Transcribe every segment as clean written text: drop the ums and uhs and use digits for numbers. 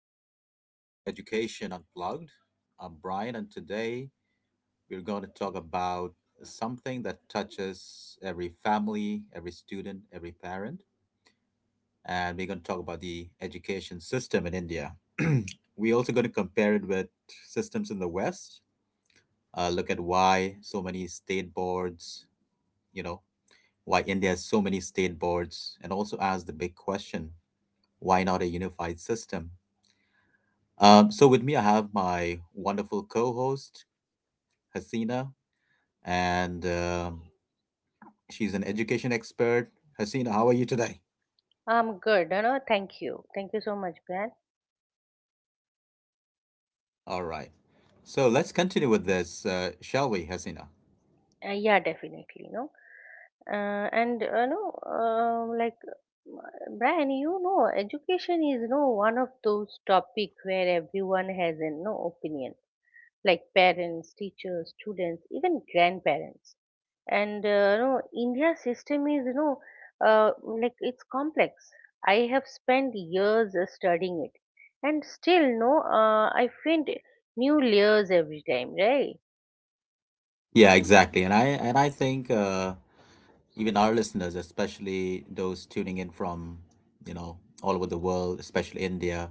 back to Education Unplugged. I'm Brian, and today we're going to talk about something that touches every family, every student, every parent. And we're going to talk about the education system in India. We're also going to compare it with systems in the West, look at why so many state boards, you know, why India has so many state boards, and also ask the big question, why not a unified system? So with me, I have my wonderful co-host Hasina, and she's an education expert. Hasina, how are you today? I'm good. Thank you. Thank you so much, Brian. All right. So let's continue with this, shall we, Hasina? Yeah, definitely. And no, like, Brian, education is, one of those topic where everyone has a no opinion, like parents, teachers, students, even grandparents. And India's system is, like, it's complex. I have spent years studying it. And still, no, I find new layers every time, right? Yeah, exactly. And I think even our listeners, especially those tuning in from you know all over the world, especially India,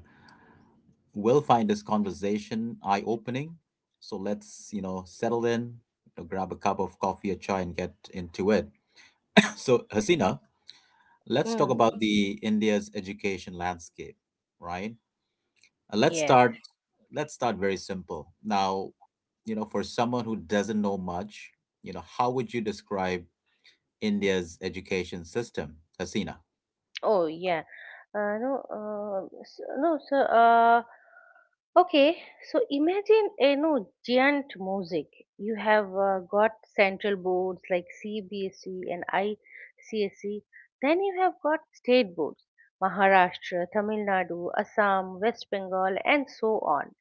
will find this conversation eye-opening. So let's settle in, grab a cup of coffee or chai, and get into it. So, Hasina, let's talk Mm, about the India's education landscape, right? Uh, Let's yes. start let's start very simple. Now, for someone who doesn't know much, how would you describe India's education system, Hasina? Oh, yeah. No, no, so. Okay. So imagine a no giant mosaic. You have got central boards like CBSE and ICSE. Then you have got state boards, Maharashtra, Tamil Nadu, Assam, West Bengal, and so on.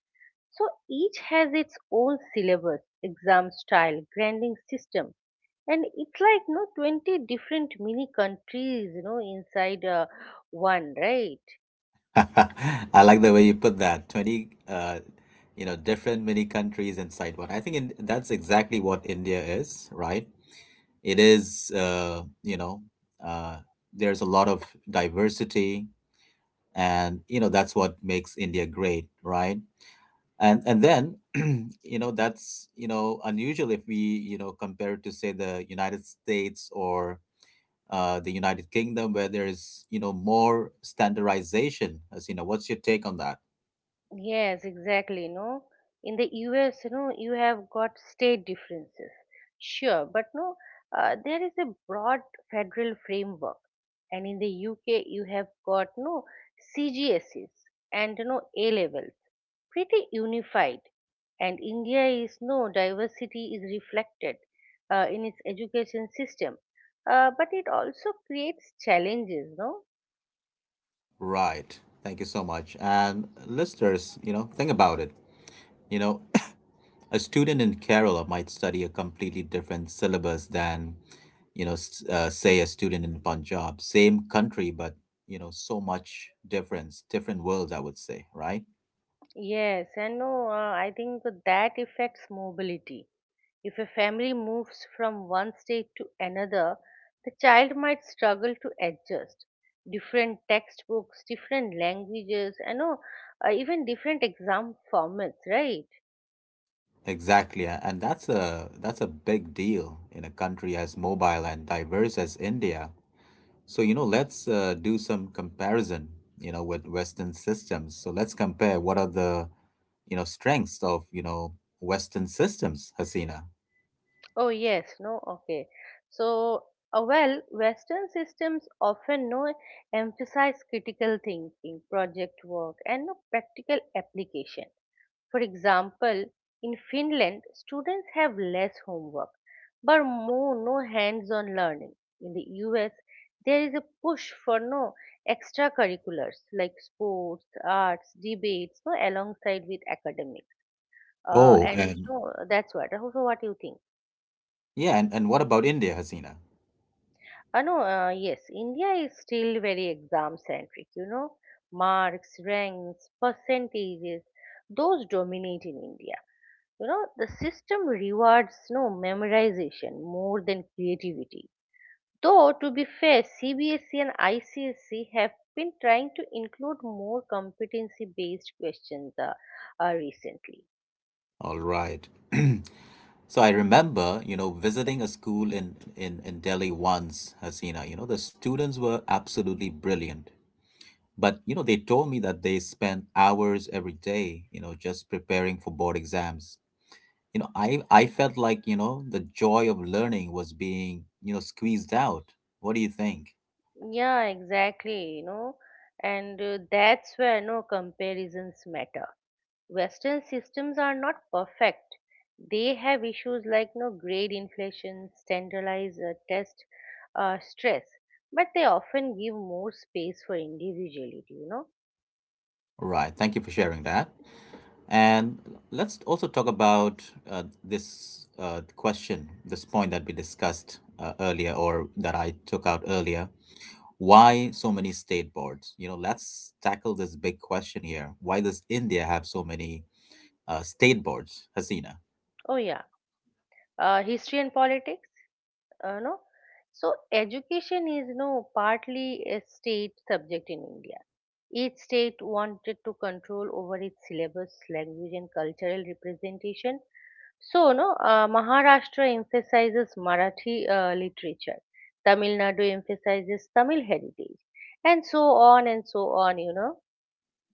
So each has its own syllabus, exam style, grading system, and it's like no 20 different mini countries, inside one, right? I like the way you put that. 20, different mini countries inside one. I think that's exactly what India is, right? It is, you know, uh, there's a lot of diversity, and that's what makes India great, right? And then, that's unusual if we compare it to, say, the United States or the United Kingdom, where there is more standardization. As you know, what's your take on that? Yes, exactly. No, in the US, you have got state differences, sure, but no, there is a broad federal framework, and in the UK, you have got no CGSEs and no A levels, pretty unified. And India is no diversity is reflected in its education system, but it also creates challenges no. Right. Thank you so much. And listeners, think about it. You know, a student in Kerala might study a completely different syllabus than, say, a student in Punjab. Same country, but, so much difference, different worlds, I would say, right? Yes and no, I think that affects mobility. If a family moves from one state to another, the child might struggle to adjust. Different textbooks, different languages, and no, even different exam formats, right? Exactly, and that's a big deal in a country as mobile and diverse as India. So, let's do some comparison, with Western systems. So let's compare what are the, strengths of, Western systems, Hasina. Oh, yes, no, okay. So, well, Western systems often no emphasize critical thinking, project work, and no practical application. For example, in Finland, students have less homework, but more no hands-on learning. In the US, there is a push for no extracurriculars like sports, arts, debates, no alongside with academics. Oh, And and so that's what. So, what do you think? yeah, and what about India, Hasina? No, yes, India is still very exam centric, marks, ranks, percentages, those dominate in India. The system rewards no memorization more than creativity. Though, to be fair, CBSE and ICSE have been trying to include more competency based questions, recently. All right. So I remember, visiting a school in Delhi once, Hasina, the students were absolutely brilliant. But, they told me that they spent hours every day, just preparing for board exams. I felt like, the joy of learning was being, squeezed out. What do you think? Yeah, exactly, and that's where no comparisons matter. Western systems are not perfect. They have issues like no grade inflation, standardized test stress, but they often give more space for individuality. All right. Thank you for sharing that. And let's also talk about this question, this point that we discussed earlier, or that I took out earlier. Why so many state boards? Let's tackle this big question here. Why does India have so many state boards, Hasina? Oh yeah. History and politics. No. So education is no partly a state subject in India. Each state wanted to control over its syllabus, language, and cultural representation. So, no, Maharashtra emphasizes Marathi literature, Tamil Nadu emphasizes Tamil heritage, and so on and so on.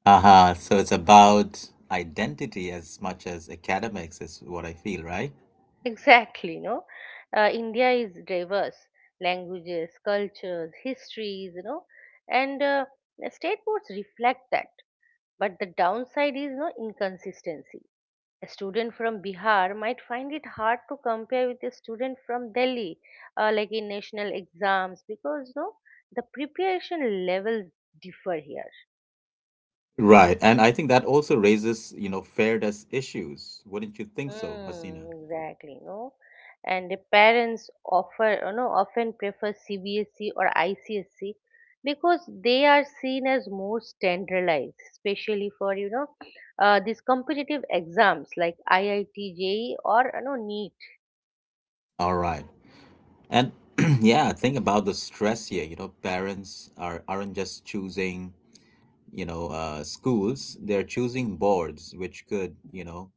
Aha, so it's about identity as much as academics, is what I feel, right? Exactly, no. India is diverse languages, cultures, histories, and state boards reflect that. But the downside is no inconsistency. A student from Bihar might find it hard to compare with a student from Delhi, like in national exams, because no, the preparation levels differ here. Right. And I think that also raises, fairness issues. Wouldn't you think so, Hasina? Mm, exactly, no, and the parents offer, often prefer CBSE or ICSE because they are seen as more standardized, especially for these competitive exams like IITJEE or NEET. All right. And yeah, think about the stress here. Parents aren't just choosing, schools. They're choosing boards, which could,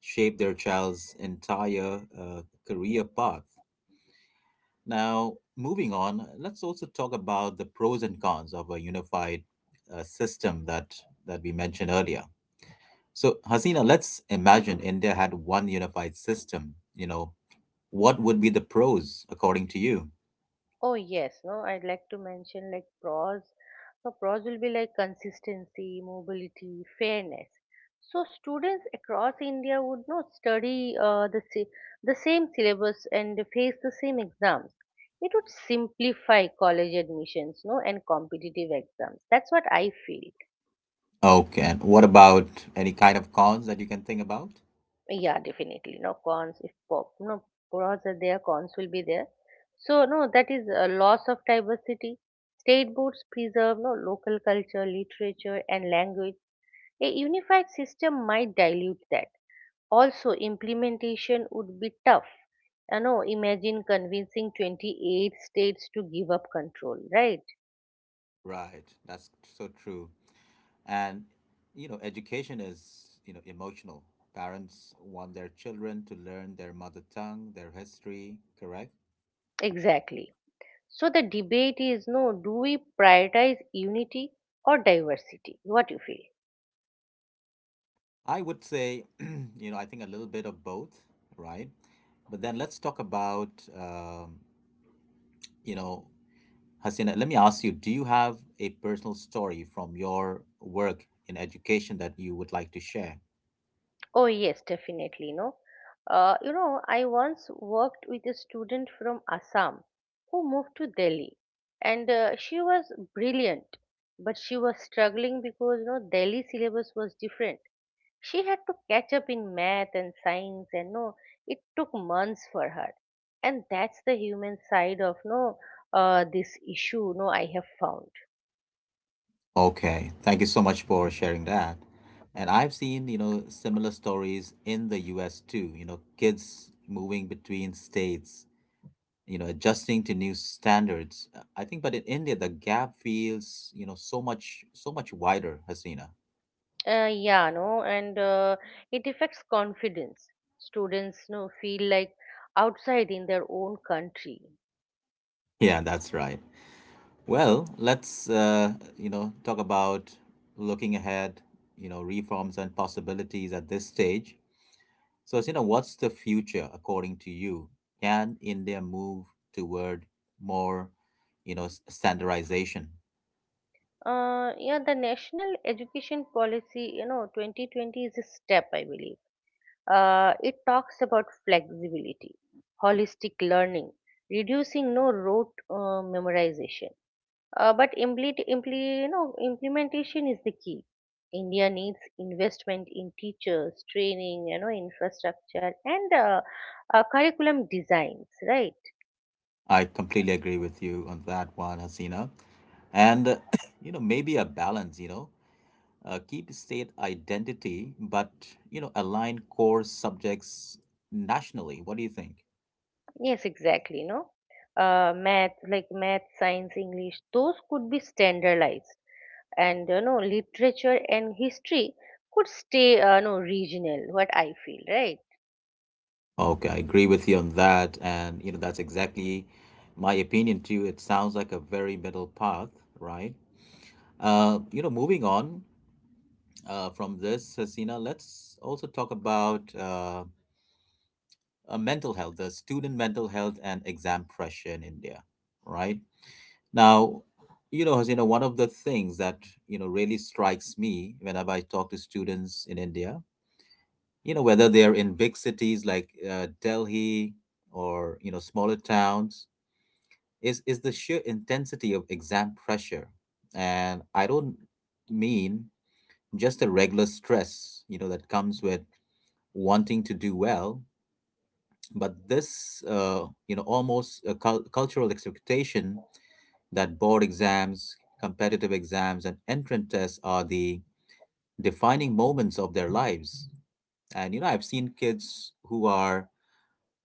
shape their child's entire career path. Now, moving on, let's also talk about the pros and cons of a unified system that we mentioned earlier. So, Hasina, let's imagine India had one unified system. What would be the pros according to you? Oh yes, no, I'd like to mention like pros. So pros will be like consistency, mobility, fairness. So students across India would not study the same syllabus and face the same exams. It would simplify college admissions, no, and competitive exams. That's what I feel. Okay, and what about any kind of cons that you can think about? Yeah, definitely. No cons if pop, no pros are there, cons will be there. So no, that is a loss of diversity. State boards preserve no local culture, literature, and language. A unified system might dilute that. Also, implementation would be tough. Imagine convincing 28 states to give up control, right? Right, that's so true. And education is, emotional. Parents want their children to learn their mother tongue, their history, correct? Exactly. So the debate is no, do we prioritize unity or diversity? What you feel? I would say, I think a little bit of both, right? But then let's talk about, you know, Hasina, let me ask you, do you have a personal story from your work in education that you would like to share? Oh, yes, definitely. No, I once worked with a student from Assam who moved to Delhi, and she was brilliant, but she was struggling because Delhi syllabus was different. She had to catch up in math and science, and no, it took months for her. And that's the human side of no, this issue. No, I have found. Okay, thank you so much for sharing that. And I've seen, similar stories in the US too, kids moving between states, adjusting to new standards. I think, but in India the gap feels, so much wider, Hasina. Yeah, no, and it affects confidence. Students no feel like outside in their own country. Yeah, that's right. Well, let's talk about looking ahead, reforms and possibilities at this stage. So, what's the future according to you? Can India move toward more, standardization? Yeah, the national education policy, 2020 is a step, I believe. It talks about flexibility, holistic learning, reducing no rote memorization. But implementation is the key. India needs investment in teachers, training, infrastructure, and curriculum designs. Right? I completely agree with you on that one, Hasina. And, maybe a balance, keep state identity, but, align core subjects nationally. What do you think? Yes, exactly. No, math, science, English, those could be standardized, and literature and history could stay no regional, what I feel, right? Okay, I agree with you on that. And, that's exactly my opinion too. It sounds like a very middle path, right? Moving on, from this, Hasina, let's also talk about mental health, the student mental health and exam pressure in India, right? Now, Hasina, one of the things that, really strikes me whenever I talk to students in India, whether they're in big cities like Delhi or, smaller towns, is the sheer intensity of exam pressure. And I don't mean just the regular stress, that comes with wanting to do well, but this almost a cultural expectation that board exams, competitive exams, and entrance tests are the defining moments of their lives. And I've seen kids who are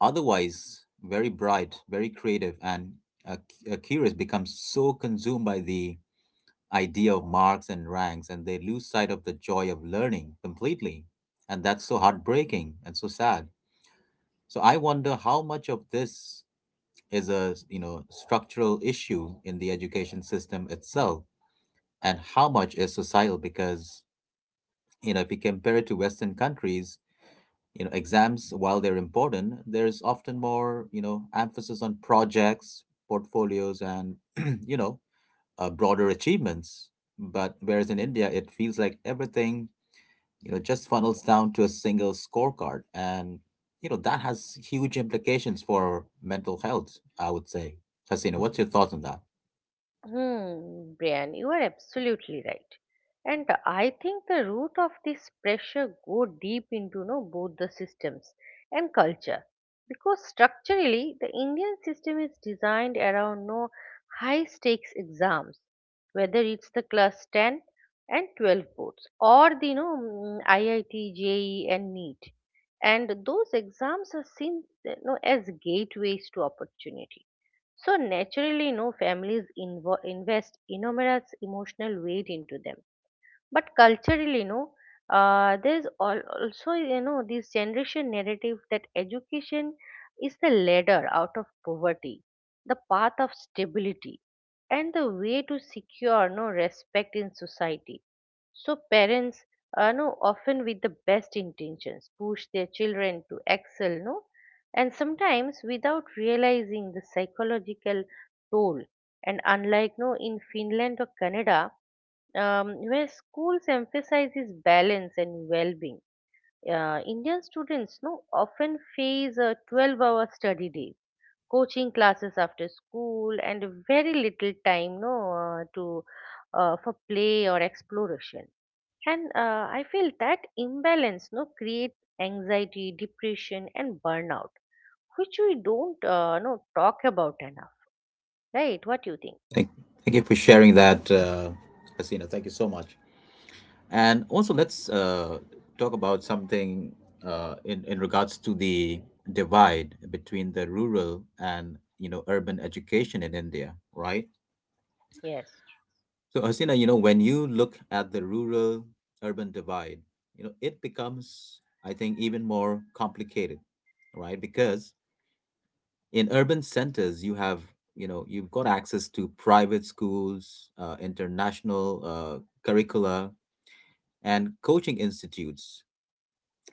otherwise very bright, very creative, and uh, curious, become so consumed by the idea of marks and ranks, and they lose sight of the joy of learning completely, and that's so heartbreaking and so sad. So I wonder how much of this is a, structural issue in the education system itself, and how much is societal, because, if we compare it to Western countries, exams, while they're important, there's often more, emphasis on projects, portfolios, and, you know, broader achievements. But whereas in India, it feels like everything just funnels down to a single scorecard, and that has huge implications for mental health, I would say, Hasina. What's your thoughts on that? Hmm, Brian, you are absolutely right. And I think the root of this pressure go deep into, both the systems and culture. Because structurally, the Indian system is designed around no high stakes exams, whether it's the class 10 and 12 boards or the IIT, JEE and NEET. And those exams are seen, as gateways to opportunity. So naturally, no families invest enormous emotional weight into them. But culturally, no, there's also this generation narrative that education is the ladder out of poverty, the path of stability, and the way to secure no respect in society. So parents, no, often with the best intentions, push their children to excel, no, and sometimes without realizing the psychological toll. And unlike no, in Finland or Canada, where schools emphasizes balance and well-being, Indian students no often face a 12-hour study day, coaching classes after school, and very little time no to for play or exploration. And I feel that imbalance no, creates anxiety, depression, and burnout, which we don't no, talk about enough, right? What do you think? Thank, thank you for sharing that, Hasina. Thank you so much. And also, let's talk about something, in regards to the divide between the rural and urban education in India, right? Yes. So, Hasina, when you look at the rural urban divide, it becomes, I think, even more complicated, right? Because in urban centers, you have you know you've got access to private schools, international curricula, and coaching institutes.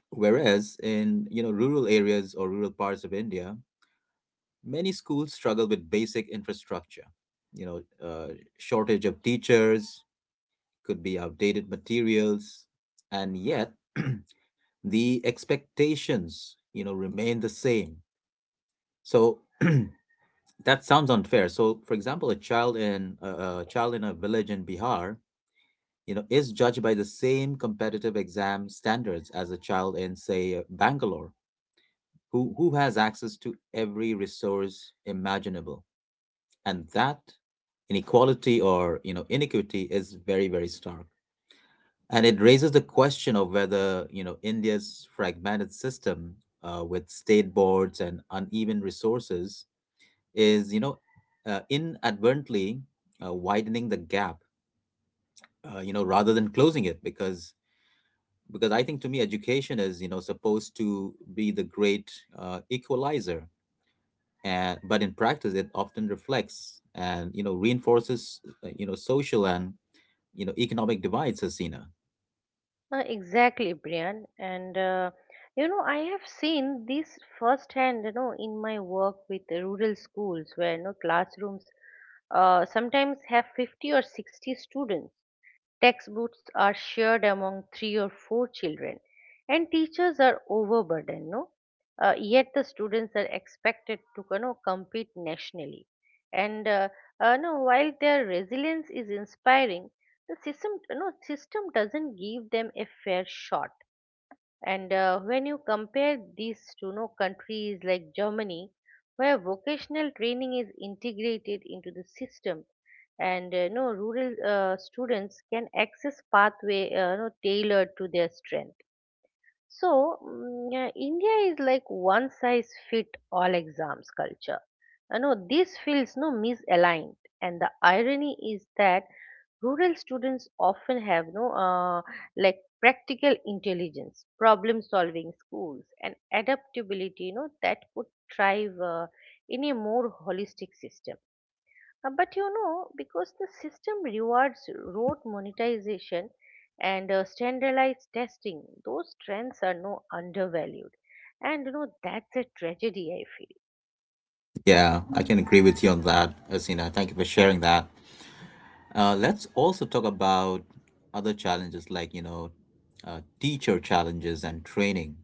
Whereas in rural areas or rural parts of India, many schools struggle with basic infrastructure. You know, uh, shortage of teachers, could be outdated materials, and yet the expectations remain the same. So that sounds unfair. So, for example, a child in a village in Bihar, is judged by the same competitive exam standards as a child in, say, Bangalore, who has access to every resource imaginable. And that inequality or inequity is very, very stark. And it raises the question of whether India's fragmented system, with state boards and uneven resources, is inadvertently widening the gap, rather than closing it, because I think, to me, education is supposed to be the great equalizer. And but in practice, it often reflects and reinforces social and economic divides, Hasina. Exactly, Brian. And I have seen this firsthand, in my work with the rural schools where classrooms sometimes have 50 or 60 students. Textbooks are shared among three or four children, and teachers are overburdened. No, yet the students are expected to, compete nationally. And no, while their resilience is inspiring, the system system doesn't give them a fair shot. And when you compare these to no countries like Germany, where vocational training is integrated into the system, and no rural students can access pathway no, tailored to their strength. So India is like one size fit all exams culture. No, this feels no misaligned, and the irony is that rural students often have no like practical intelligence problem solving schools and adaptability, that could thrive in a more holistic system. But because the system rewards rote monetization and standardized testing, those trends are no undervalued. And that's a tragedy I feel. Yeah, I can agree with you on that, Hasina. Thank you for sharing that. Let's also talk about other challenges like teacher challenges and training.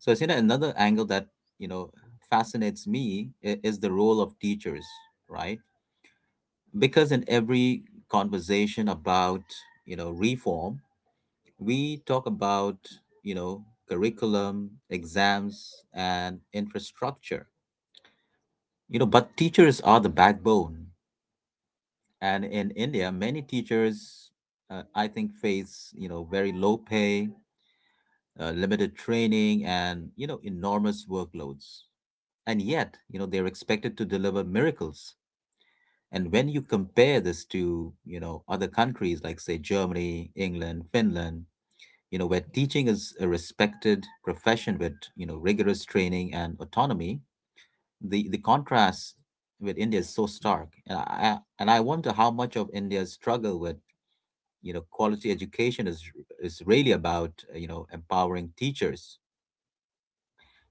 So, Hasina, another angle that you know fascinates me is the role of teachers, right? Because in every conversation about reform, we talk about, you know, curriculum, exams, and infrastructure. But teachers are the backbone. And in India, many teachers, I think, face, very low pay, limited training, and, enormous workloads. And yet, they're expected to deliver miracles. And when you compare this to, other countries like, say, Germany, England, Finland, where teaching is a respected profession with, rigorous training and autonomy, the contrast with India is so stark. And I wonder how much of India's struggle with, you know, quality education is really about, you know, empowering teachers,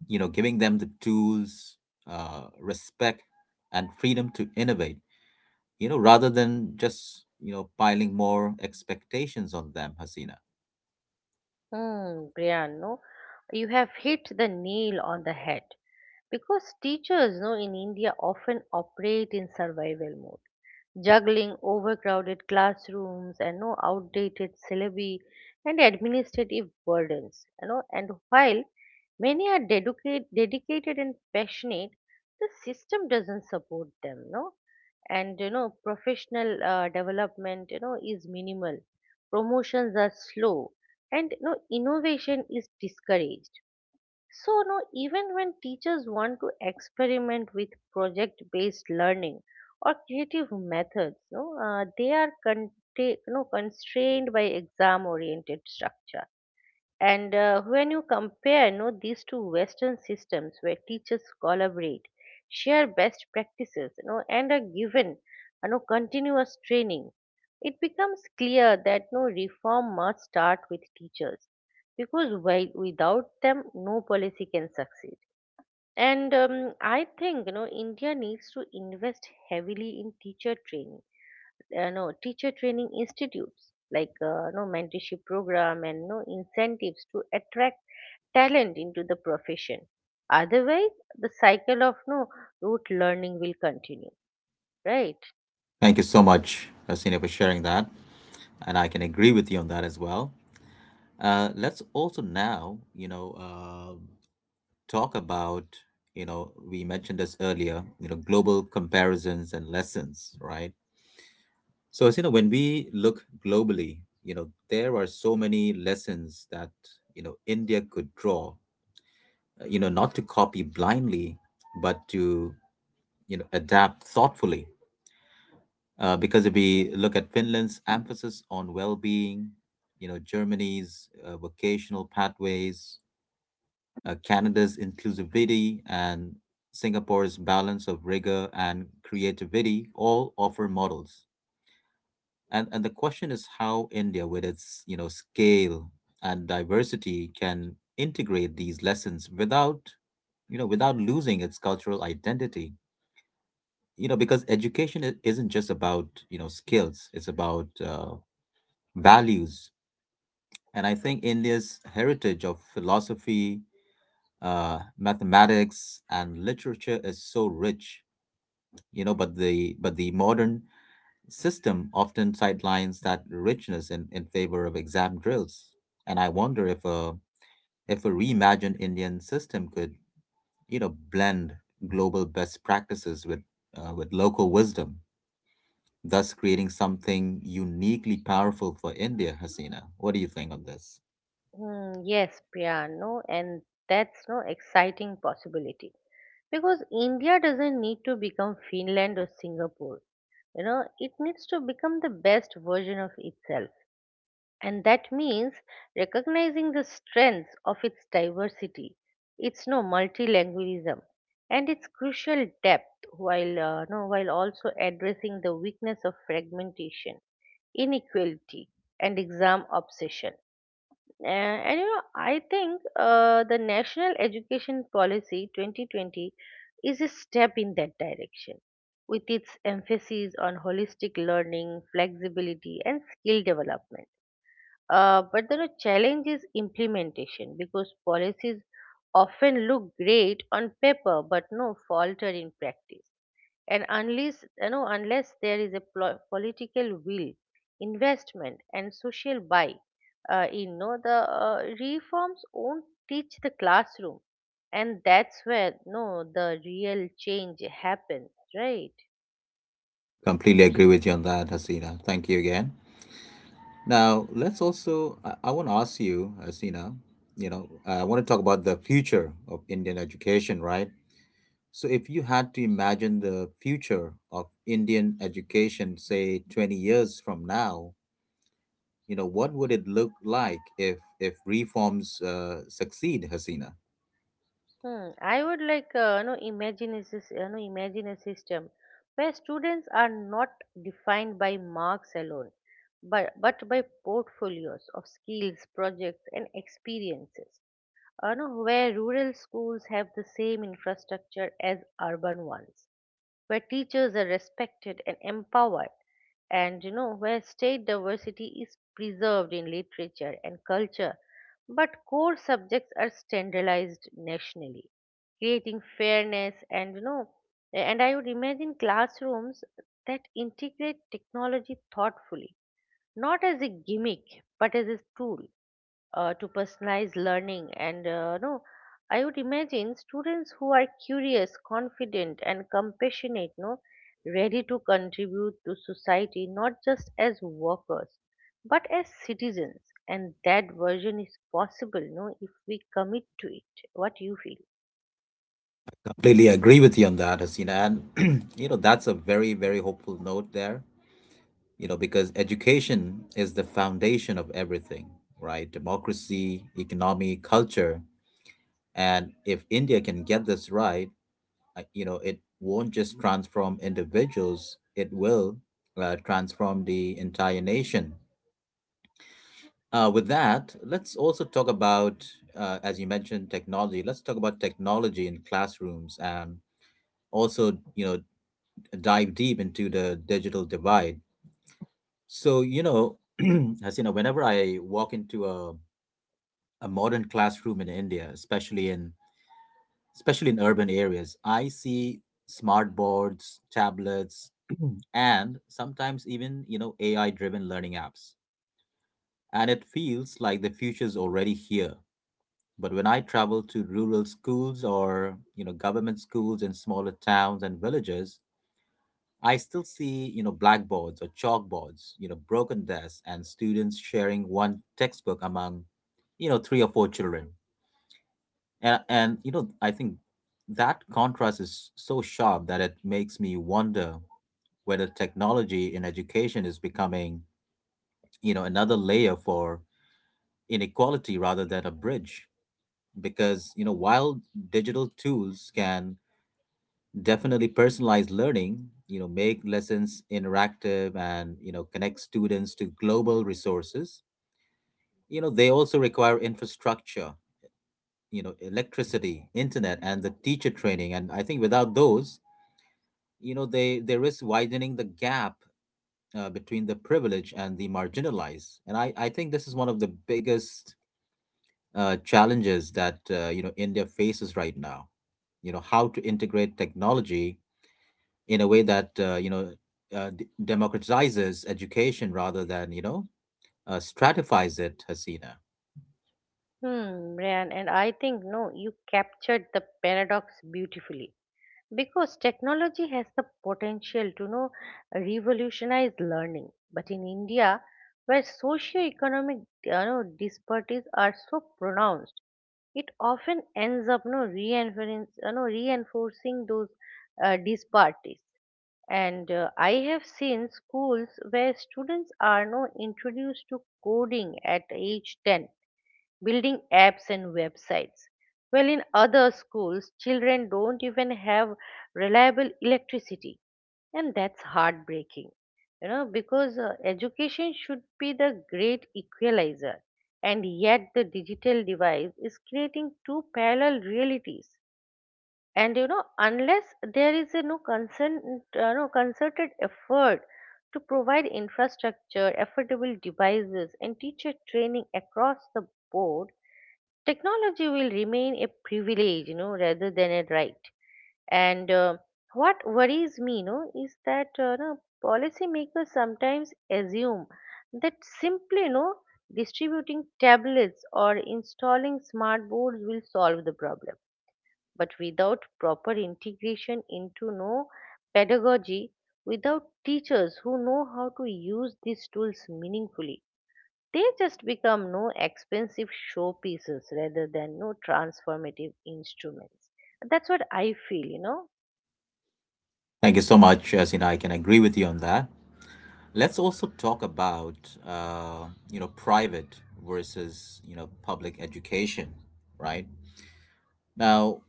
you know, giving them the tools, respect and freedom to innovate, you know, rather than just, you know, piling more expectations on them, Hasina. Hmm, Brian, no, you have hit the nail on the head. Because teachers, in India often operate in survival mode, juggling overcrowded classrooms and no outdated syllabi and administrative burdens. And while many are dedicated and passionate, the system doesn't support them, no. And professional development, is minimal. Promotions are slow, and innovation is discouraged. So, no, even when teachers want to experiment with project based learning or creative methods, no, they are no, constrained by exam oriented structure. And when you compare, these two Western systems where teachers collaborate, share best practices, and are given, continuous training, it becomes clear that no reform must start with teachers because while without them no policy can succeed. And I think India needs to invest heavily in teacher training, no teacher training institutes, like no mentorship program and no incentives to attract talent into the profession. Otherwise, the cycle of no rote learning will continue, right? Thank you so much, Hasina, for sharing that. And I can agree with you on that as well. Let's also now, you know, talk about, you know, we mentioned this earlier, you know, global comparisons and lessons, right? So, as you know, when we look globally, you know, there are so many lessons that, you know, India could draw, you know, not to copy blindly, but to, you know, adapt thoughtfully. Because if we look at Finland's emphasis on well being, you know, Germany's vocational pathways, Canada's inclusivity, and Singapore's balance of rigor and creativity all offer models. And the question is how India, with its, you know, scale and diversity, can integrate these lessons without, you know, without losing its cultural identity. You know, because education isn't just about, you know, skills; it's about values. And I think India's heritage of philosophy, mathematics, and literature is so rich. You know, but the modern system often sidelines that richness in favor of exam drills. And I wonder if a, if a reimagined Indian system could, you know, blend global best practices with local wisdom, thus creating something uniquely powerful for India, Hasina. What do you think on this? Hmm, yes, Priya, no, and that's no exciting possibility because India doesn't need to become Finland or Singapore. It needs to become the best version of itself. And that means recognizing the strengths of its diversity, its no multilingualism, and its crucial depth, while no, while also addressing the weakness of fragmentation, inequality, and exam obsession. And I think the National Education Policy 2020 is a step in that direction, with its emphasis on holistic learning, flexibility, and skill development. But the challenge is implementation because policies often look great on paper but no falter in practice. And unless you know, unless there is a political will, investment, and social buy, you know the reforms won't teach the classroom, and that's where no the real change happens, right? Completely agree with you on that, Hasina. Thank you again. Now, let's also I want to ask you, Hasina, you know, I want to talk about the future of Indian education, right? So, if you had to imagine the future of Indian education, say 20 years from now, you know, what would it look like if reforms succeed, Hasina? I would like imagine a system where students are not defined by marks alone, but by portfolios of skills, projects, and experiences. You know where rural schools have the same infrastructure as urban ones, where teachers are respected and empowered, and where state diversity is preserved in literature and culture, but core subjects are standardized nationally, creating fairness. And I would imagine classrooms that integrate technology thoughtfully, not as a gimmick but as a tool to personalized learning. And no, I would imagine students who are curious, confident, and compassionate, no, ready to contribute to society not just as workers but as citizens. And that version is possible, if we commit to it. What do you feel? Completely agree with you on that, Hasina. And, you know, that's a very, very hopeful note there, you know, because education is the foundation of everything, right? Democracy, economy, culture. And if India can get this right, you know, it won't just transform individuals, it will transform the entire nation. With that, let's also talk about, as you mentioned, technology. Let's talk about technology in classrooms and also, you know, dive deep into the digital divide. So, you know, Hasina, whenever I walk into a modern classroom in India, especially in urban areas. I see smart boards, tablets, and sometimes even, you know, AI-driven learning apps. And it feels like the future's already here. But when I travel to rural schools or, you know, government schools in smaller towns and villages, I still see, you know, blackboards or chalkboards, you know, broken desks and students sharing one textbook among, you know, three or four children. And you know, I think that contrast is so sharp that it makes me wonder whether technology in education is becoming, you know, another layer for inequality rather than a bridge. Because, you know, while digital tools can definitely personalize learning, you know, make lessons interactive and, you know, connect students to global resources, you know, they also require infrastructure, you know, electricity, internet, and the teacher training. And I think without those, you know, they risk widening the gap, between the privileged and the marginalized. And I think this is one of the biggest challenges that, you know, India faces right now, you know, how to integrate technology in a way that, you know, democratizes education rather than, you know, stratifies it, Hasina. Brian, and I think no, you captured the paradox beautifully. Because technology has the potential to revolutionize learning. But in India, where socio-economic disparities are so pronounced, it often ends up no reinforcing you know, reinforcing those disparities. And I have seen schools where students are no introduced to coding at age 10, building apps and websites. Well, in other schools, children don't even have reliable electricity, and that's heartbreaking, you know, because education should be the great equalizer, and yet the digital divide is creating two parallel realities. And you know, unless there is a no concern, no concerted effort to provide infrastructure, affordable devices, and teacher training across the board, technology will remain a privilege, you know, rather than a right. and What worries me, you know, is that no, policymakers sometimes assume that simply, you know, distributing tablets or installing smart boards will solve the problem, but without proper integration into pedagogy, without teachers who know how to use these tools meaningfully, they just become no expensive showpieces rather than no transformative instruments. That's what I feel, you know. Thank you so much, Hasina. I can agree with you on that. Let's also talk about, you know, private versus, you know, public education, right? Now,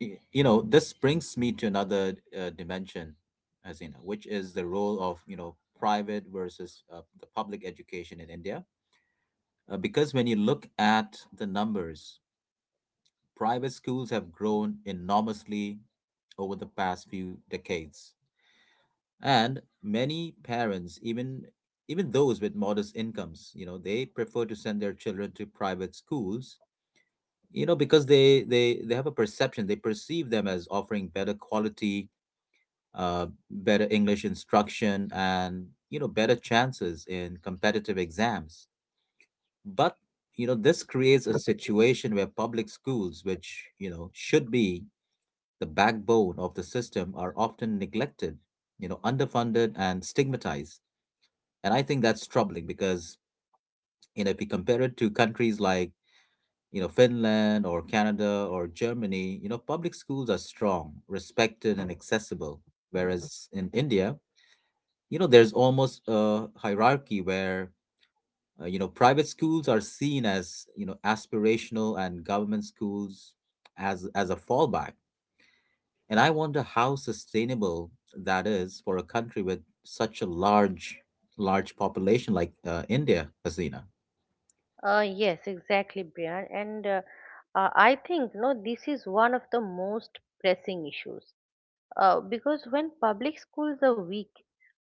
you know, this brings me to another dimension, as you know, which is the role of, you know, private versus, the public education in India. Because when you look at the numbers, private schools have grown enormously over the past few decades, and many parents, even those with modest incomes, you know, they prefer to send their children to private schools, you know, because they have a perception, they perceive them as offering better quality, better English instruction, and, you know, better chances in competitive exams. But, you know, this creates a situation where public schools, which, you know, should be the backbone of the system, are often neglected, you know, underfunded and stigmatized. And I think that's troubling, because, you know, if we compare it to countries like, you know, Finland or Canada or Germany, you know, public schools are strong, respected, and accessible. Whereas in India, you know, there's almost a hierarchy where, you know, private schools are seen as, you know, aspirational and government schools as a fallback. And I wonder how sustainable that is for a country with such a large population like, India, Hasina. Yes, exactly, Brian. And I think no, this is one of the most pressing issues, because when public schools are weak,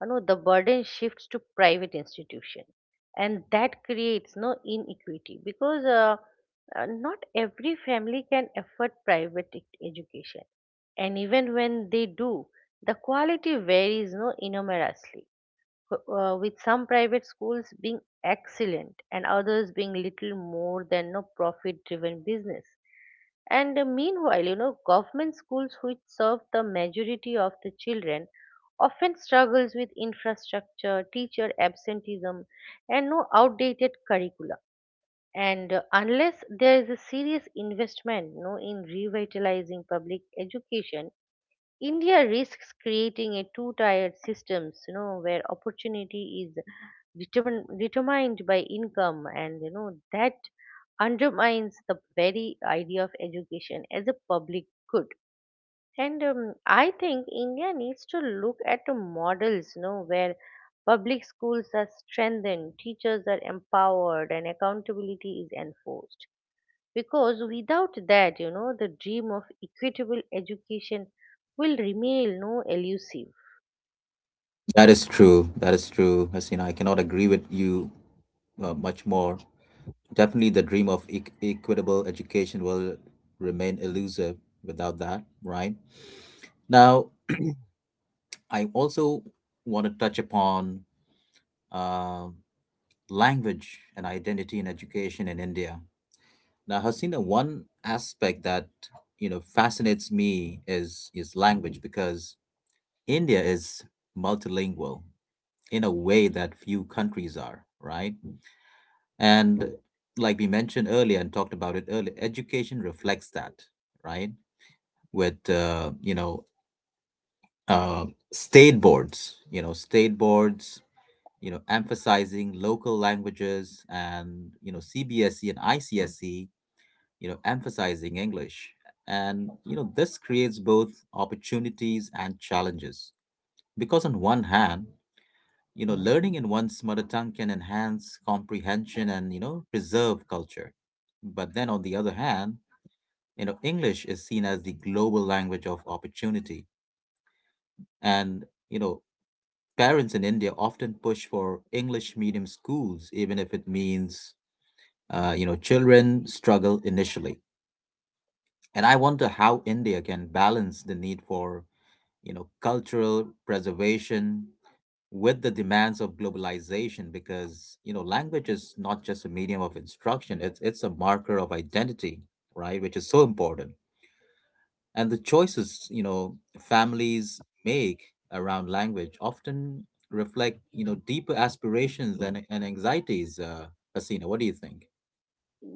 you know, the burden shifts to private institution, and that creates inequity, because not every family can afford education, and even when they do, the quality varies no enormously, with some private schools being excellent and others being little more than no profit driven business. And Meanwhile, you know, government schools which serve the majority of the children often struggles with infrastructure, teacher absenteeism, and outdated curricula. And Unless there is a serious investment, you know, in revitalizing public education, India risks creating a two-tiered systems, you know, where opportunity is determined by income, and you know that undermines the very idea of education as a public good. And I think India needs to look at the models, you know, where public schools are strengthened, teachers are empowered, and accountability is enforced, because without that, you know, the dream of equitable education will remain elusive. That is true. That is true. Hasina, I cannot agree with you much more. Definitely, the dream of equitable education will remain elusive without that, right? Now, I also want to touch upon uh, language and identity in education in India. Now, Hasina, one aspect that, you know, fascinates me is language, because India is multilingual in a way that few countries are, right? And like we mentioned earlier and talked about it earlier, education reflects that, right? With, you know, uh, state boards, you know, emphasizing local languages, and, you know, CBSE and ICSE, you know, emphasizing English. And, you know, this creates both opportunities and challenges. Because on one hand, you know, learning in one's mother tongue can enhance comprehension and, you know, preserve culture. But then on the other hand, you know, English is seen as the global language of opportunity. And, you know, parents in India often push for English medium schools, even if it means, you know, children struggle initially. And I wonder how India can balance the need for, you know, cultural preservation with the demands of globalization, because, you know, language is not just a medium of instruction, it's a marker of identity, right, which is so important. And the choices, you know, families make around language often reflect, you know, deeper aspirations and anxieties. Hasina, what do you think?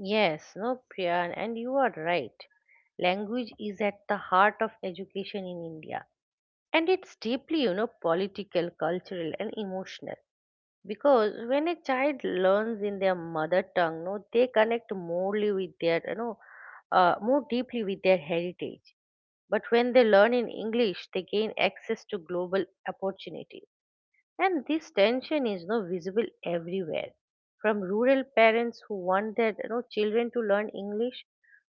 Yes, no Priyan, and you are right. Language is at the heart of education in India, and it's deeply, you know, political, cultural, and emotional. Because when a child learns in their mother tongue, no they connect morely with their you know more deeply with their heritage, but when they learn in English they gain access to global opportunities. And this tension is no visible everywhere, from rural parents who want their, you know, children to learn English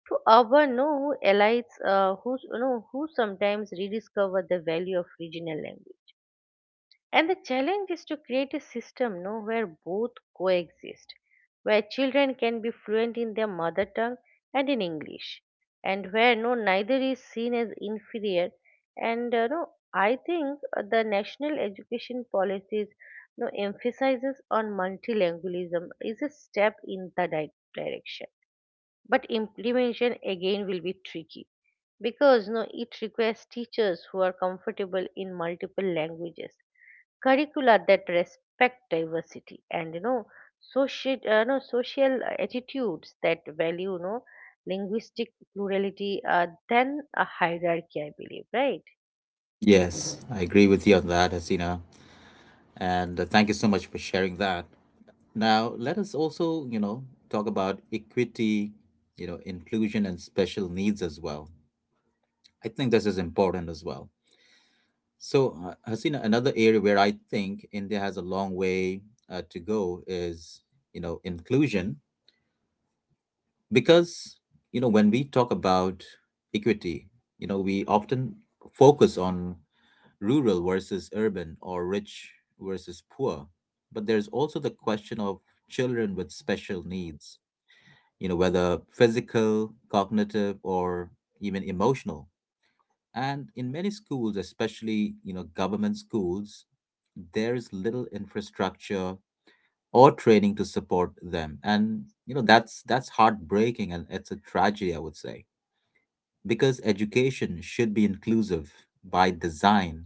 to urban no who elites who you know who sometimes rediscover the value of regional language. And the challenge is to create a system, no, where both coexist, where children can be fluent in their mother tongue and in English, and where neither is seen as inferior. And no, I think the national education policies no emphasizes on multilingualism is a step in the direction, but implementation again will be tricky because no it requires teachers who are comfortable in multiple languages, curricula that respect diversity, and, you know, social no social attitudes that value, you know, linguistic plurality than a hierarchy, I believe, right? Yes, I agree with you on that, Hasina. And, thank you so much for sharing that. Now, let us also, you know, talk about equity, you know, inclusion and special needs as well. I think this is important as well. So, Hasina, another area where I think India has a long way to go is, you know, inclusion. Because, you know, when we talk about equity, you know, we often focus on rural versus urban or rich versus poor. But there's also the question of children with special needs, you know, whether physical, cognitive, or even emotional. And in many schools, especially, you know, government schools, there is little infrastructure or training to support them. And, you know, that's heartbreaking and it's a tragedy, I would say. Because education should be inclusive by design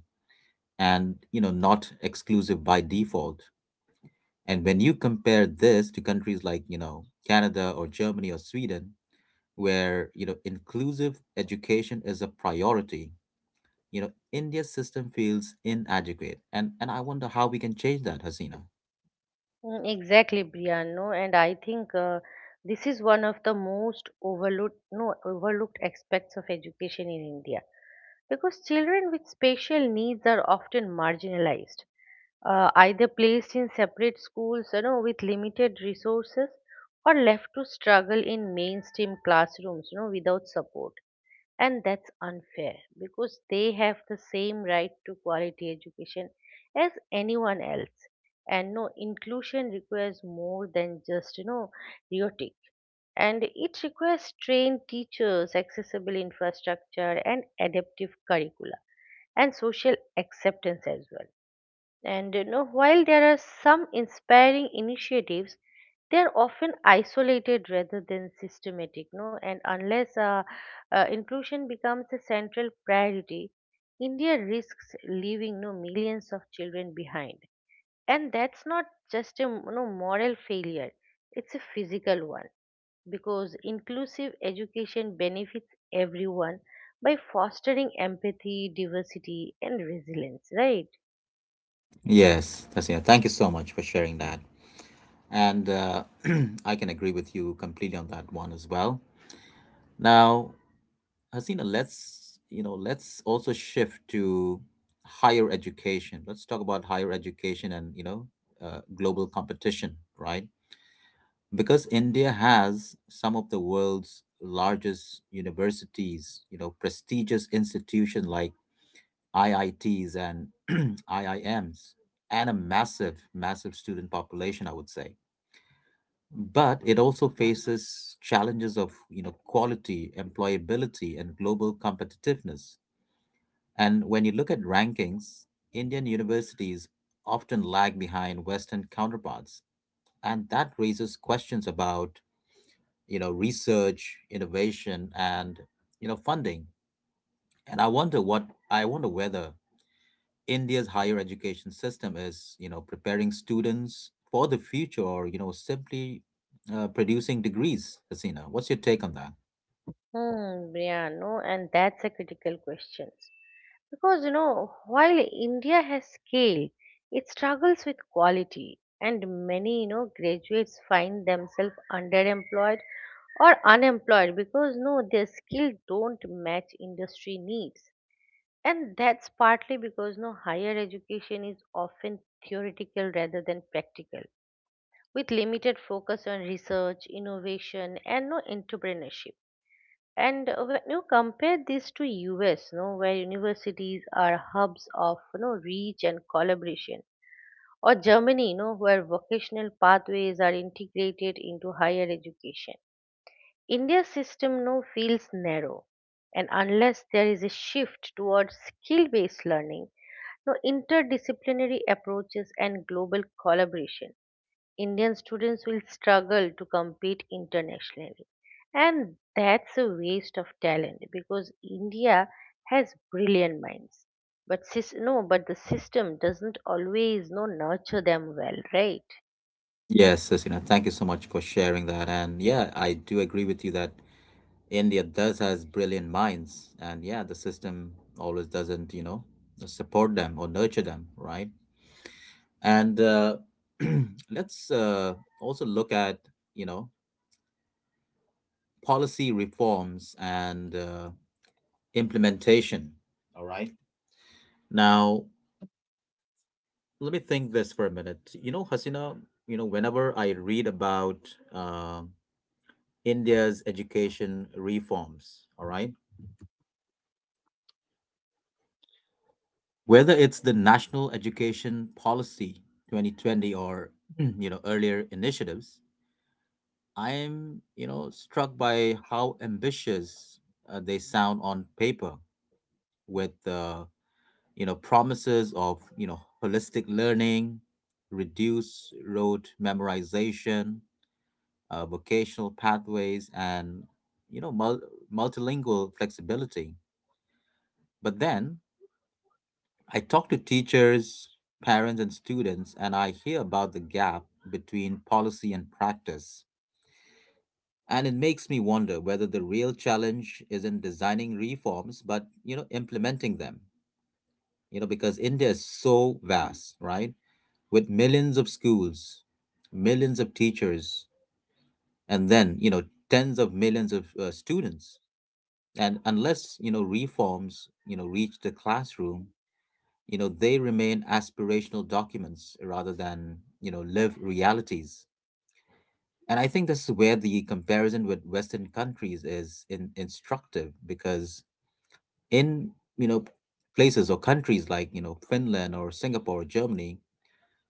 and, you know, not exclusive by default. And when you compare this to countries like, you know, Canada or Germany or Sweden, where, you know, inclusive education is a priority, you know, India's system feels inadequate. And I wonder how we can change that, Hasina. Exactly, Brian. No, and I think this is one of the most overlooked, no, overlooked aspects of education in India, because children with special needs are often marginalized, either placed in separate schools, you know, with limited resources, or left to struggle in mainstream classrooms, you know, without support. And that's unfair, because they have the same right to quality education as anyone else. And no inclusion requires more than just, you know, rhetoric, and it requires trained teachers, accessible infrastructure, and adaptive curricula, and social acceptance as well. And you know, while there are some inspiring initiatives, they are often isolated rather than systematic. No, and Unless inclusion becomes a central priority, India risks leaving no millions of children behind. And that's not just a, you know, moral failure; it's a physical one, because inclusive education benefits everyone by fostering empathy, diversity, and resilience, right? Yes, Hasina, thank you so much for sharing that. And I can agree with you completely on that one as well. Now, Hasina, let's, you know, let's also shift to higher education. Let's talk about higher education and, you know, global competition, right? Because India has some of the world's largest universities, you know, prestigious institutions like IITs and IIMs, and a massive, massive student population, I would say. But it also faces challenges of, you know, quality, employability, and global competitiveness. And when you look at rankings, Indian universities often lag behind Western counterparts. And that raises questions about, you know, research, innovation, and, you know, funding. And I wonder whether India's higher education system is, you know, preparing students for the future or, you know, simply producing degrees, Hasina. What's your take on that? Yeah, no, and that's a critical question. Because, you know, while India has scale, it struggles with quality, and many, you know, graduates find themselves underemployed or unemployed because, their skill don't match industry needs. And that's partly because, no, higher education is often theoretical rather than practical, with limited focus on research, innovation, and no entrepreneurship. And When you compare this to US, no, where universities are hubs of, you know, reach and collaboration, or Germany, you know, where vocational pathways are integrated into higher education, India's system feels narrow, and unless there is a shift towards skill-based learning, no interdisciplinary approaches, and global collaboration, Indian students will struggle to compete internationally. And that's a waste of talent, because India has brilliant minds. But sis, no, but the system doesn't always no nurture them well, right? Yes, Sasina, thank you so much for sharing that. And yeah, I do agree with you that India does has brilliant minds, and yeah, the system always doesn't, you know, support them or nurture them, right? And let's also look at, you know, policy reforms and, implementation. All right. Now, let me think this for a minute. You know, Hasina, whenever I read about uh, India's education reforms, all right, whether it's the National Education Policy 2020 or earlier initiatives, I am struck by how ambitious they sound on paper with promises of holistic learning, reduce rote memorization, vocational pathways, and you know mul- multilingual flexibility. But then I talk to teachers, parents, and students, and I hear about the gap between policy and practice. And it makes me wonder whether the real challenge isn't designing reforms, but implementing them. You know, because India is so vast, right? With millions of schools, millions of teachers, and then tens of millions of students. And unless reforms, reach the classroom, they remain aspirational documents rather than live realities. And I think this is where the comparison with Western countries is instructive, because in you know places or countries like Finland or Singapore or Germany,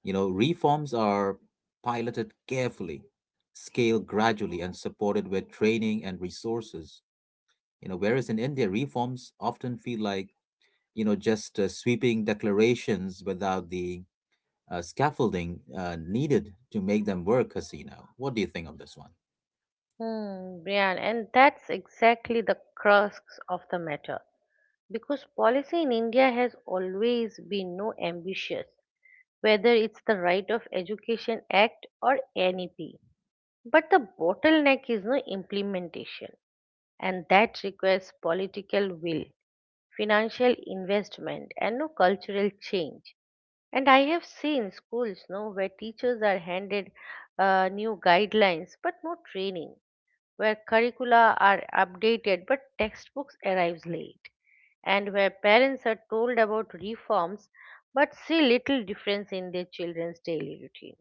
reforms are piloted carefully, scaled gradually, and supported with training and resources. You know, whereas in India, reforms often feel like just sweeping declarations without the scaffolding needed to make them work. Hasina, what do you think of this one? Brian, and that's exactly the crux of the matter. Because policy in India has always been no ambitious, whether it's the Right of Education Act or NEP. But the bottleneck is no implementation, and that requires political will, financial investment, and no cultural change. And I have seen schools, no, where teachers are handed new guidelines but no training, where curricula are updated but textbooks arrives late, and where parents are told about reforms but see little difference in their children's daily routine.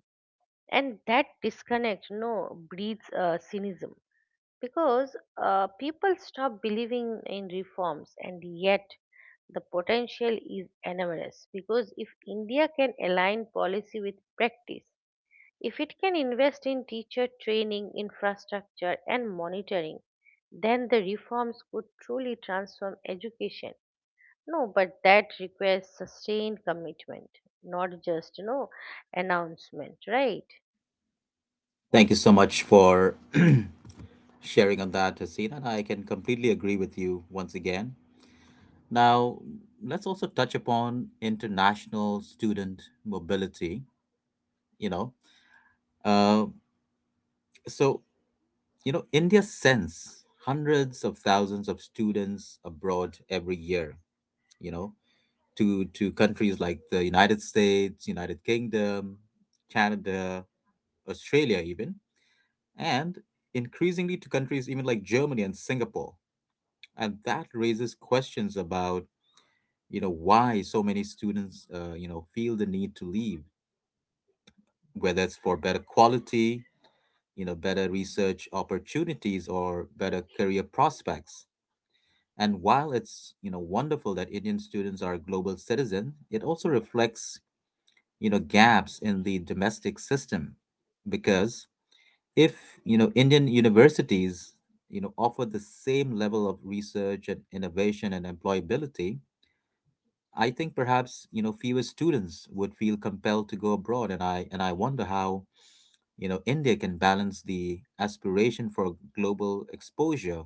And that disconnect, you know, breeds cynicism, because people stop believing in reforms. And yet the potential is enormous, because if India can align policy with practice, if it can invest in teacher training, infrastructure, and monitoring, then the reforms could truly transform education. No But that requires sustained commitment, not just, you know, announcement, right? Thank you so much for sharing on that, Hasina, and I can completely agree with you once again. Now, let's also touch upon international student mobility. You know uh, so you know India sends hundreds of thousands of students abroad every year, you know to countries like the United States, United Kingdom, Canada, Australia, even, and increasingly to countries even like Germany and Singapore. And that raises questions about, why so many students, feel the need to leave, whether it's for better quality, better research opportunities, or better career prospects. And while it's, wonderful that Indian students are global citizens, it also reflects, gaps in the domestic system, because if Indian universities offer the same level of research and innovation and employability, I think perhaps fewer students would feel compelled to go abroad. And I wonder how India can balance the aspiration for global exposure,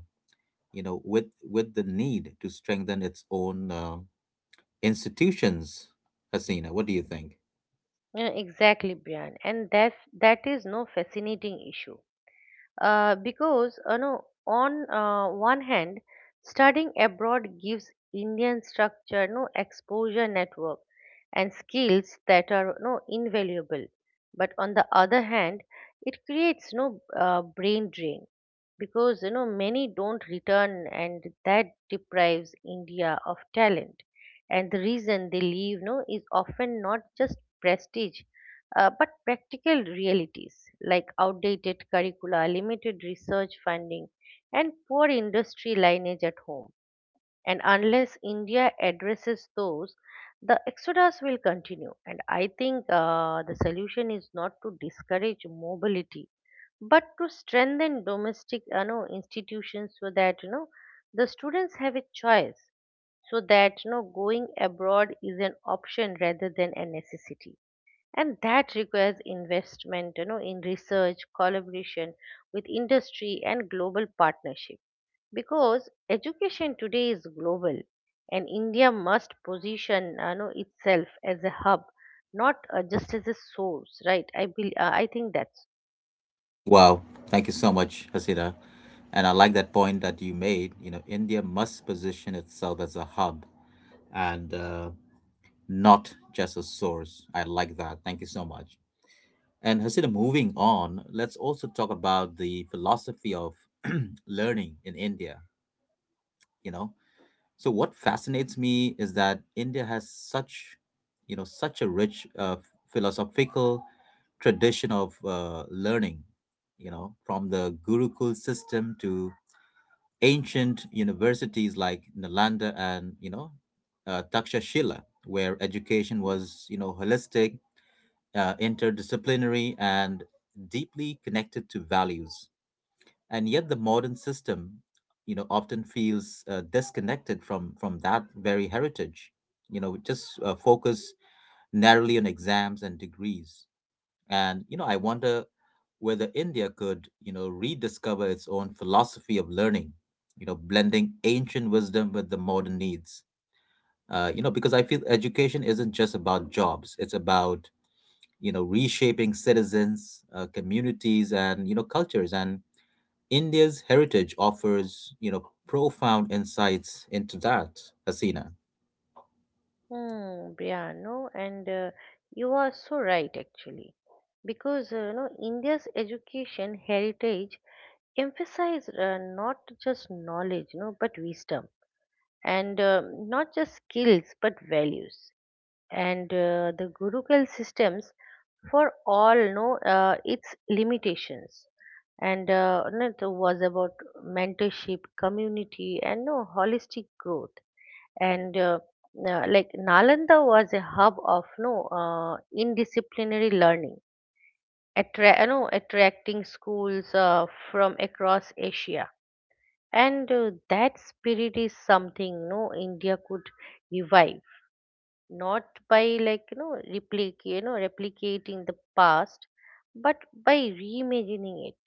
with the need to strengthen its own institutions. Hasina, what do you think? Yeah, exactly, Brian, and that is no fascinating issue. Because, you know, on one hand, studying abroad gives Indian structure, no exposure network, and skills that are no invaluable. But on the other hand, it creates no brain drain, because you know many don't return, and that deprives India of talent. And the reason they leave, is often not just prestige, but practical realities like outdated curricula, limited research funding, and poor industry lineage at home. And unless India addresses those, the exodus will continue. And I think the solution is not to discourage mobility, but to strengthen domestic, you know, institutions, so that, you know, the students have a choice, so that, you know, going abroad is an option rather than a necessity. And that requires investment, you know, in research, collaboration with industry, and global partnership, because education today is global, and India must position, you know, itself as a hub, not just as a source, right? I think that's Wow, thank you so much, Hasina. And I like that point that you made. You know, India must position itself as a hub and not just a source. I like that. Thank you so much. And Hasina, moving on, let's also talk about the philosophy of learning in India. You know, so what fascinates me is that India has such, such a rich philosophical tradition of learning, you know, from the Gurukul system to ancient universities like Nalanda and, you know, Takshashila, where education was, holistic, interdisciplinary, and deeply connected to values. And yet the modern system often feels disconnected from that very heritage, just focus narrowly on exams and degrees. And I wonder whether India could rediscover its own philosophy of learning, blending ancient wisdom with the modern needs. You know, because I feel education isn't just about jobs. It's about reshaping citizens, communities, and cultures. And India's heritage offers, profound insights into that, Hasina. Briano, and you are so right actually, because you know India's education heritage emphasize not just knowledge, you know, but wisdom, and not just skills but values. And The gurukul systems, for all know its limitations, and no, it was about mentorship, community, and no holistic growth. And Like Nalanda was a hub of no indisciplinary learning, attracting schools from across Asia. And That spirit is something India could revive, not by, like replicating the past, but by reimagining it,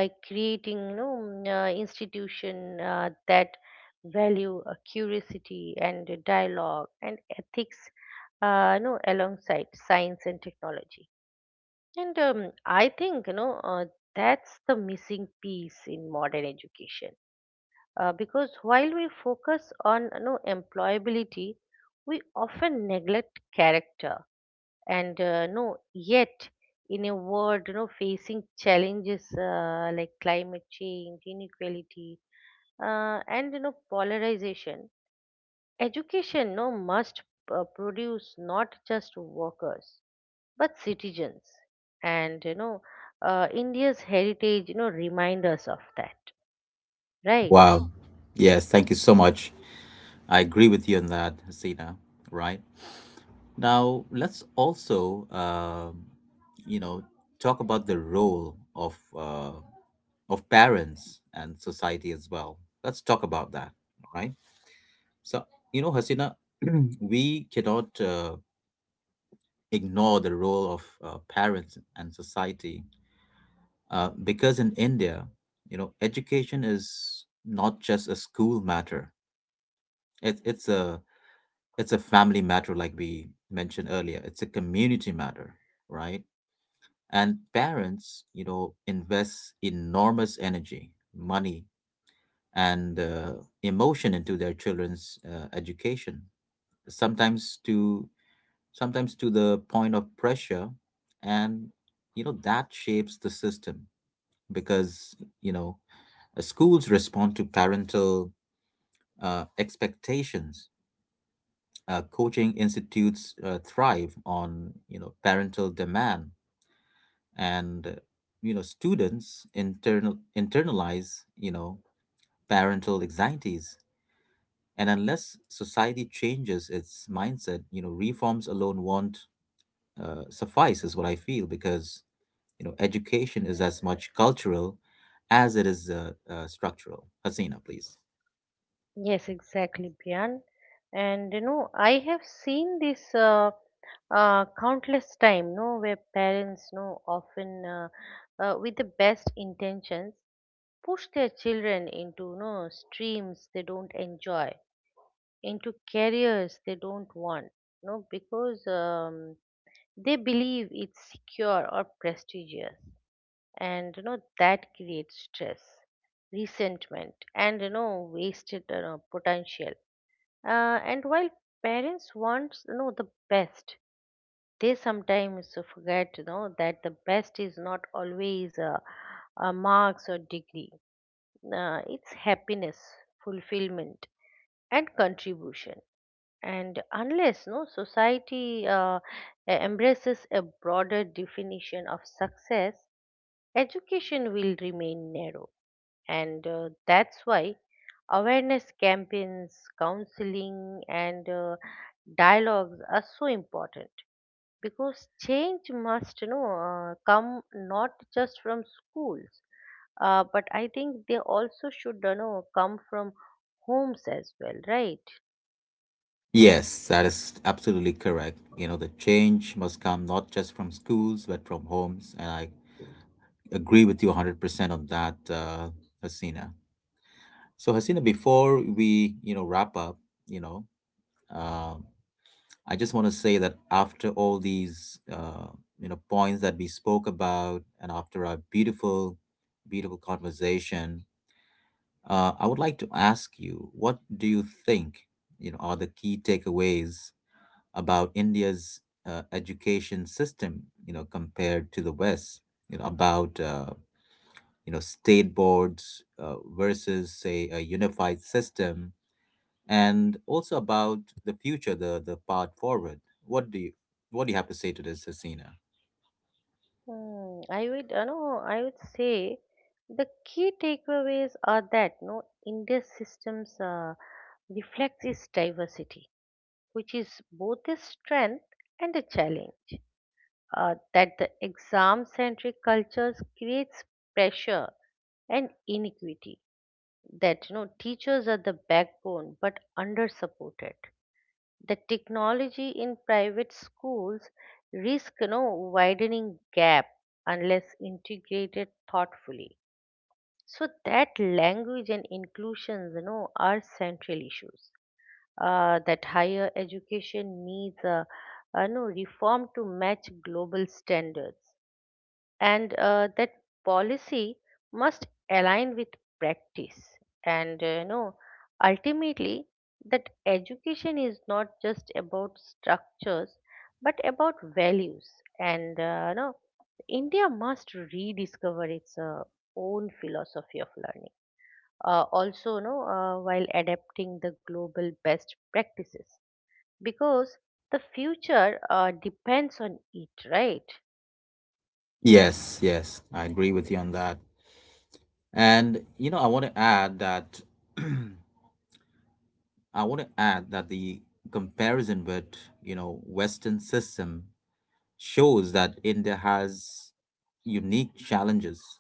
by creating, you know, institution that value curiosity and dialogue and ethics, you know, alongside science and technology. And I think, you know, that's the missing piece in modern education, because while we focus on, you know, employability, we often neglect character. And uh, no yet in a world, you know, facing challenges like climate change, inequality, and you know, polarization, education must produce not just workers but citizens. And you know, India's Heritage, you know, remind us of that, right? Wow. Oh, yes, thank you so much. I agree with you on that, Hasina, right? Now, let's also, you know, talk about the role of parents and society as well. Let's talk about that, right? So, you know, Hasina, we cannot ignore the role of parents and society. Because in India, education is not just a school matter. It's a it's a family matter, like we mentioned earlier. It's a community matter, right? And parents, invest enormous energy, money, and emotion into their children's education. Sometimes to Sometimes to the point of pressure, and that shapes the system, because you know schools respond to parental expectations. Coaching institutes thrive on parental demand, and students internalize parental anxieties. And unless society changes its mindset, reforms alone won't suffice, is what I feel, because education is as much cultural as it is structural. Hasina, please. Yes, exactly, Priyan. And you know I have seen this countless time, no, where parents, no, often, with the best intentions, push their children into, no, streams they don't enjoy, into careers they don't want, no, because they believe it's secure or prestigious. And you know that creates stress, resentment, and you know wasted, you know, potential. And while parents want, you know, the best, they sometimes forget, you know, that the best is not always marks or degree. It's happiness, fulfillment, and contribution. And unless, no, society embraces a broader definition of success, education will remain narrow. And that's why awareness campaigns, counseling, and dialogues are so important, because change must, you know, come not just from schools, but I think they also should, you know, come from homes as well, right? Yes, that is absolutely correct. You know, the change must come not just from schools, but from homes. And I agree with you 100% on that, Hasina. So, Hasina, before we, wrap up, you know, uh, I just want to say that after all these, points that we spoke about, and after our beautiful, beautiful conversation, I would like to ask you, what do you think, are the key takeaways about India's education system, compared to the West, you know, about, state boards versus, say, a unified system, and also about the future, the path forward. What do you, what do you have to say to this, Hasina? Hmm, I would, you know, I would say the key takeaways are that, no, India's systems reflects its diversity, which is both a strength and a challenge. That the exam-centric cultures creates pressure and inequity, that you know teachers are the backbone but under supported, the technology in private schools risk, you know, widening gap unless integrated thoughtfully, so that language and inclusions, you know, are central issues, that higher education needs a no reform to match global standards, and that policy must align with practice, and you know, ultimately, that education is not just about structures but about values, and you know, india must rediscover its own philosophy of learning, also, you know, while adapting the global best practices, because the future depends on it, right? Yes, yes, I agree with you on that. And, you know, I want to add that I want to add that the comparison with, Western system shows that India has unique challenges,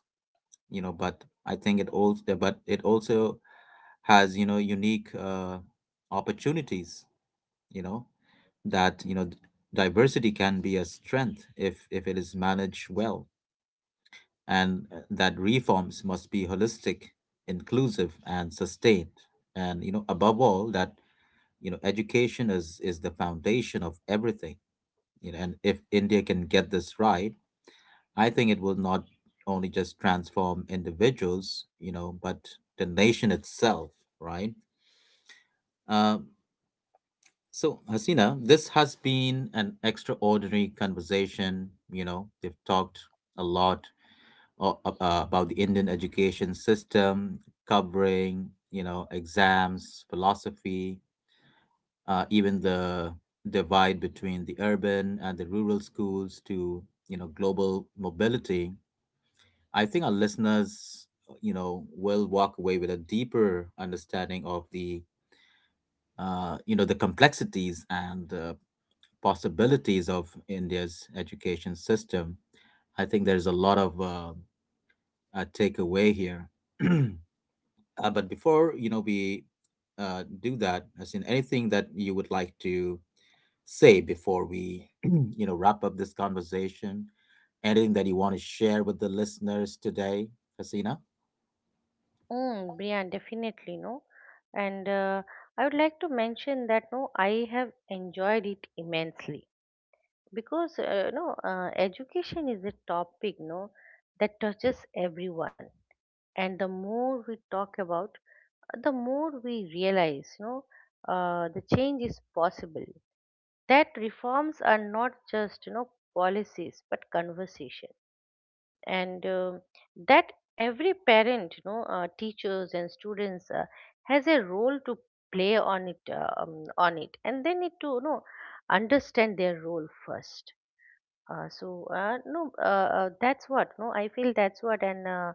but I think it also has, unique opportunities, you know, that, diversity can be a strength if it is managed well, and that reforms must be holistic, inclusive, and sustained. And you know, above all, that education is the foundation of everything. You know, and if India can get this right, I think it will not only just transform individuals, but the nation itself, right? um so, Hasina, this has been an extraordinary conversation. You know, we've talked a lot about the Indian education system, covering exams, philosophy, even the divide between the urban and the rural schools, to global mobility. I think our listeners will walk away with a deeper understanding of the the complexities and possibilities of India's education system. I think there's a lot of takeaway here. Uh, but before we do that, as in anything that you would like to say before we, wrap up this conversation? Anything that you want to share with the listeners today, Hasina? Mm, Brian, definitely, no. And I would like to mention that, no, I have enjoyed it immensely, because no, education is a topic, no, that touches everyone, and the more we talk about, the more we realize, no, the change is possible. That reforms are not just, you know, policies but conversation, and that every parent, you know, teachers and students has a role to play on it, on it, and they need to, you know, understand their role first. That's what, no, I feel, that's what, and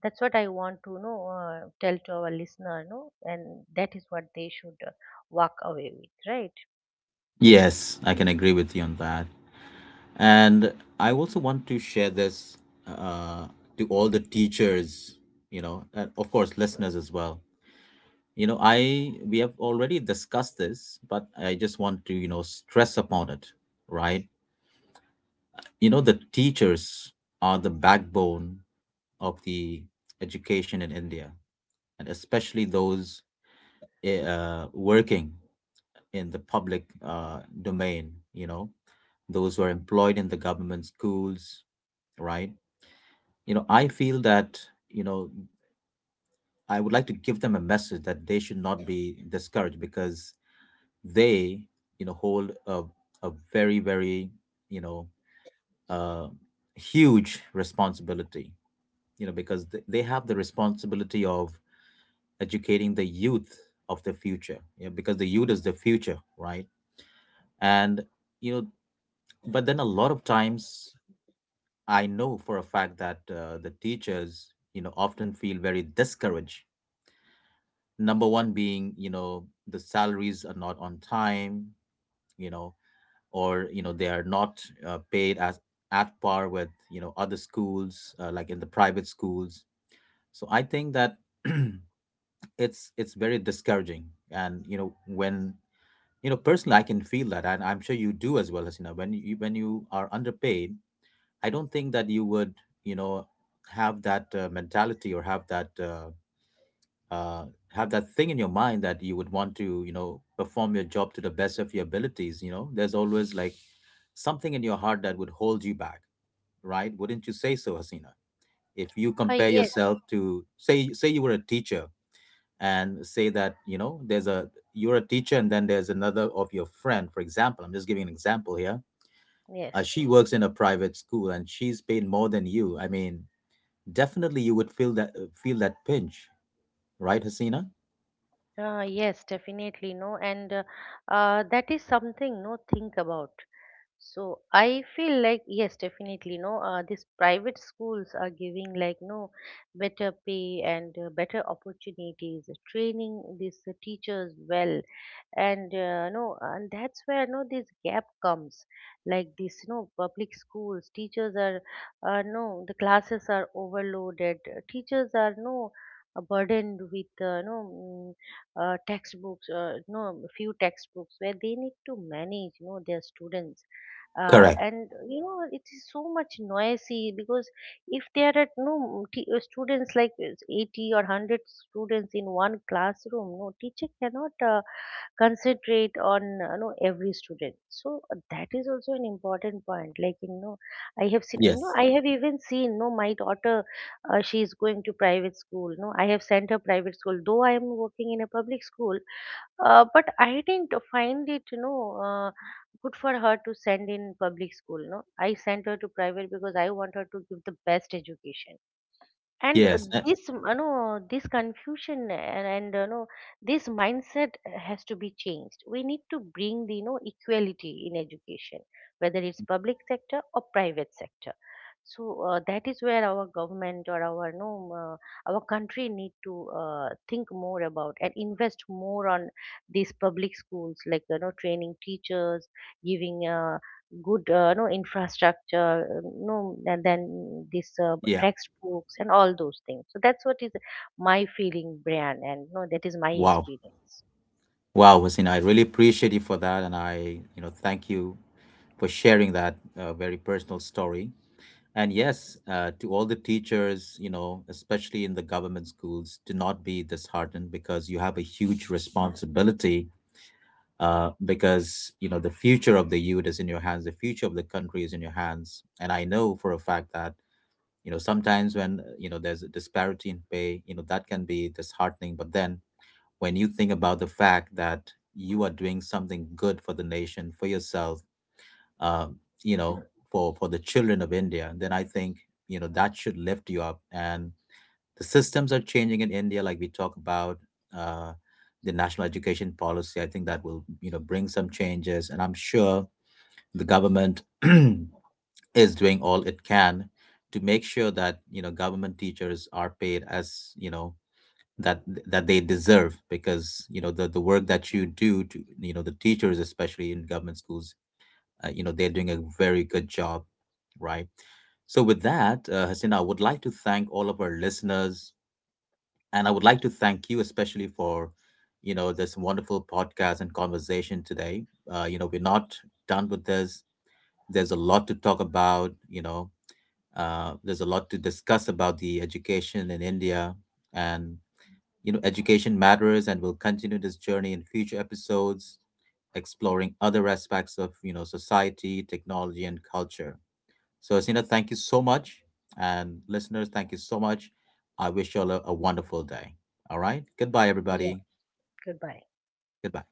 that's what I want to, know, tell to our listener, no, and that is what they should walk away with, right? Yes, I can agree with you on that. And I also want to share this uh, to all the teachers, you know, and of course, listeners as well. You know, I we have already discussed this, but I just want to, stress upon it, right? You know, the teachers are the backbone of the education in India, and especially those working in the public domain, you know, those who are employed in the government schools, right? You know, I feel that, you know, I would like to give them a message that they should not be discouraged because they, hold a very, very, you know, uh, huge responsibility, you know, because they have the responsibility of educating the youth of the future. Yeah, because the youth is the future, right? And you know but then, a lot of times, I know for a fact that the teachers often feel very discouraged. Number one being, the salaries are not on time, you know or they are not paid as at par with other schools, like in the private schools. So I think that it's very discouraging. And when personally, I can feel that, and I'm sure you do as well. As when you are underpaid, I don't think that you would you know have that mentality or uh, have that thing in your mind that you would want to perform your job to the best of your abilities. You know, there's always like something in your heart that would hold you back, right? Wouldn't you say so, Hasina? If you uh, compare yes yourself to say you were a teacher, and say that there's a you're a teacher and then there's another of your friend, for example, I'm just giving an example here, yes she works in a private school and she's paid more than you. I mean, definitely you would feel that, feel that pinch, right, Hasina? Yes, definitely, no, and that is something, no, think about. So I feel like, yes, definitely. No, these private schools are giving, like, no, better pay and better opportunities, training these teachers well, and no, and that's where, no, this gap comes. Like this, no, public schools teachers are no, the classes are overloaded. Teachers are, no, burdened with, textbooks, no, few textbooks, where they need to manage, no, their students, Correct. and you know it is so much noisy, because if there are no students, like, it's 80 or 100 students in one classroom, no teacher cannot concentrate on, you know, every student. So that is also an important point. Like, you know, I have seen, you know, Yes, I have even seen, no, my daughter, she is going to private school, no, I have sent her private school, though I am working in a public school. But I didn't find it, you know, good for her to send in public school. No, I sent her to private because I want her to give the best education, and yes. This, you know, this confusion, and you know this mindset has to be changed. We need to bring the, you know, equality in education, whether it's public sector or private sector. So that is where our government, or our, you know, our country need to think more about and invest more on these public schools, like, you know, training teachers, giving good no, infrastructure, no, and then this, Yeah. textbooks and all those things. So that's what is my feeling, Brian, and no, that is my Wow. experience. Wow, Hussein, I really appreciate you for that, and I, thank you for sharing that very personal story. And yes, to all the teachers, you know, especially in the government schools, do not be disheartened because you have a huge responsibility. Because you know the future of the youth is in your hands, the future of the country is in your hands, and I know for a fact that sometimes when there's a disparity in pay, you know that can be disheartening. But then when you think about the fact that you are doing something good for the nation, for yourself, um, you know, for the children of India, then I think that should lift you up. And the systems are changing in India, like we talk about uh, the National Education Policy. I think that will bring some changes, and I'm sure the government is doing all it can to make sure that government teachers are paid as that that they deserve, because the work that you do, to the teachers, especially in government schools, they're doing a very good job, right? So with that, Hasina, I would like to thank all of our listeners, and I would like to thank you especially for this wonderful podcast and conversation today. You know, we're not done with this. There's a lot to talk about, you know, there's a lot to discuss about the education in India. And you know, education matters, and we'll continue this journey in future episodes, exploring other aspects of society, technology, and culture. So, Asina, thank you so much, and listeners, thank you so much. I wish you all a wonderful day. All right, goodbye, Yeah, everybody. goodbye. Goodbye.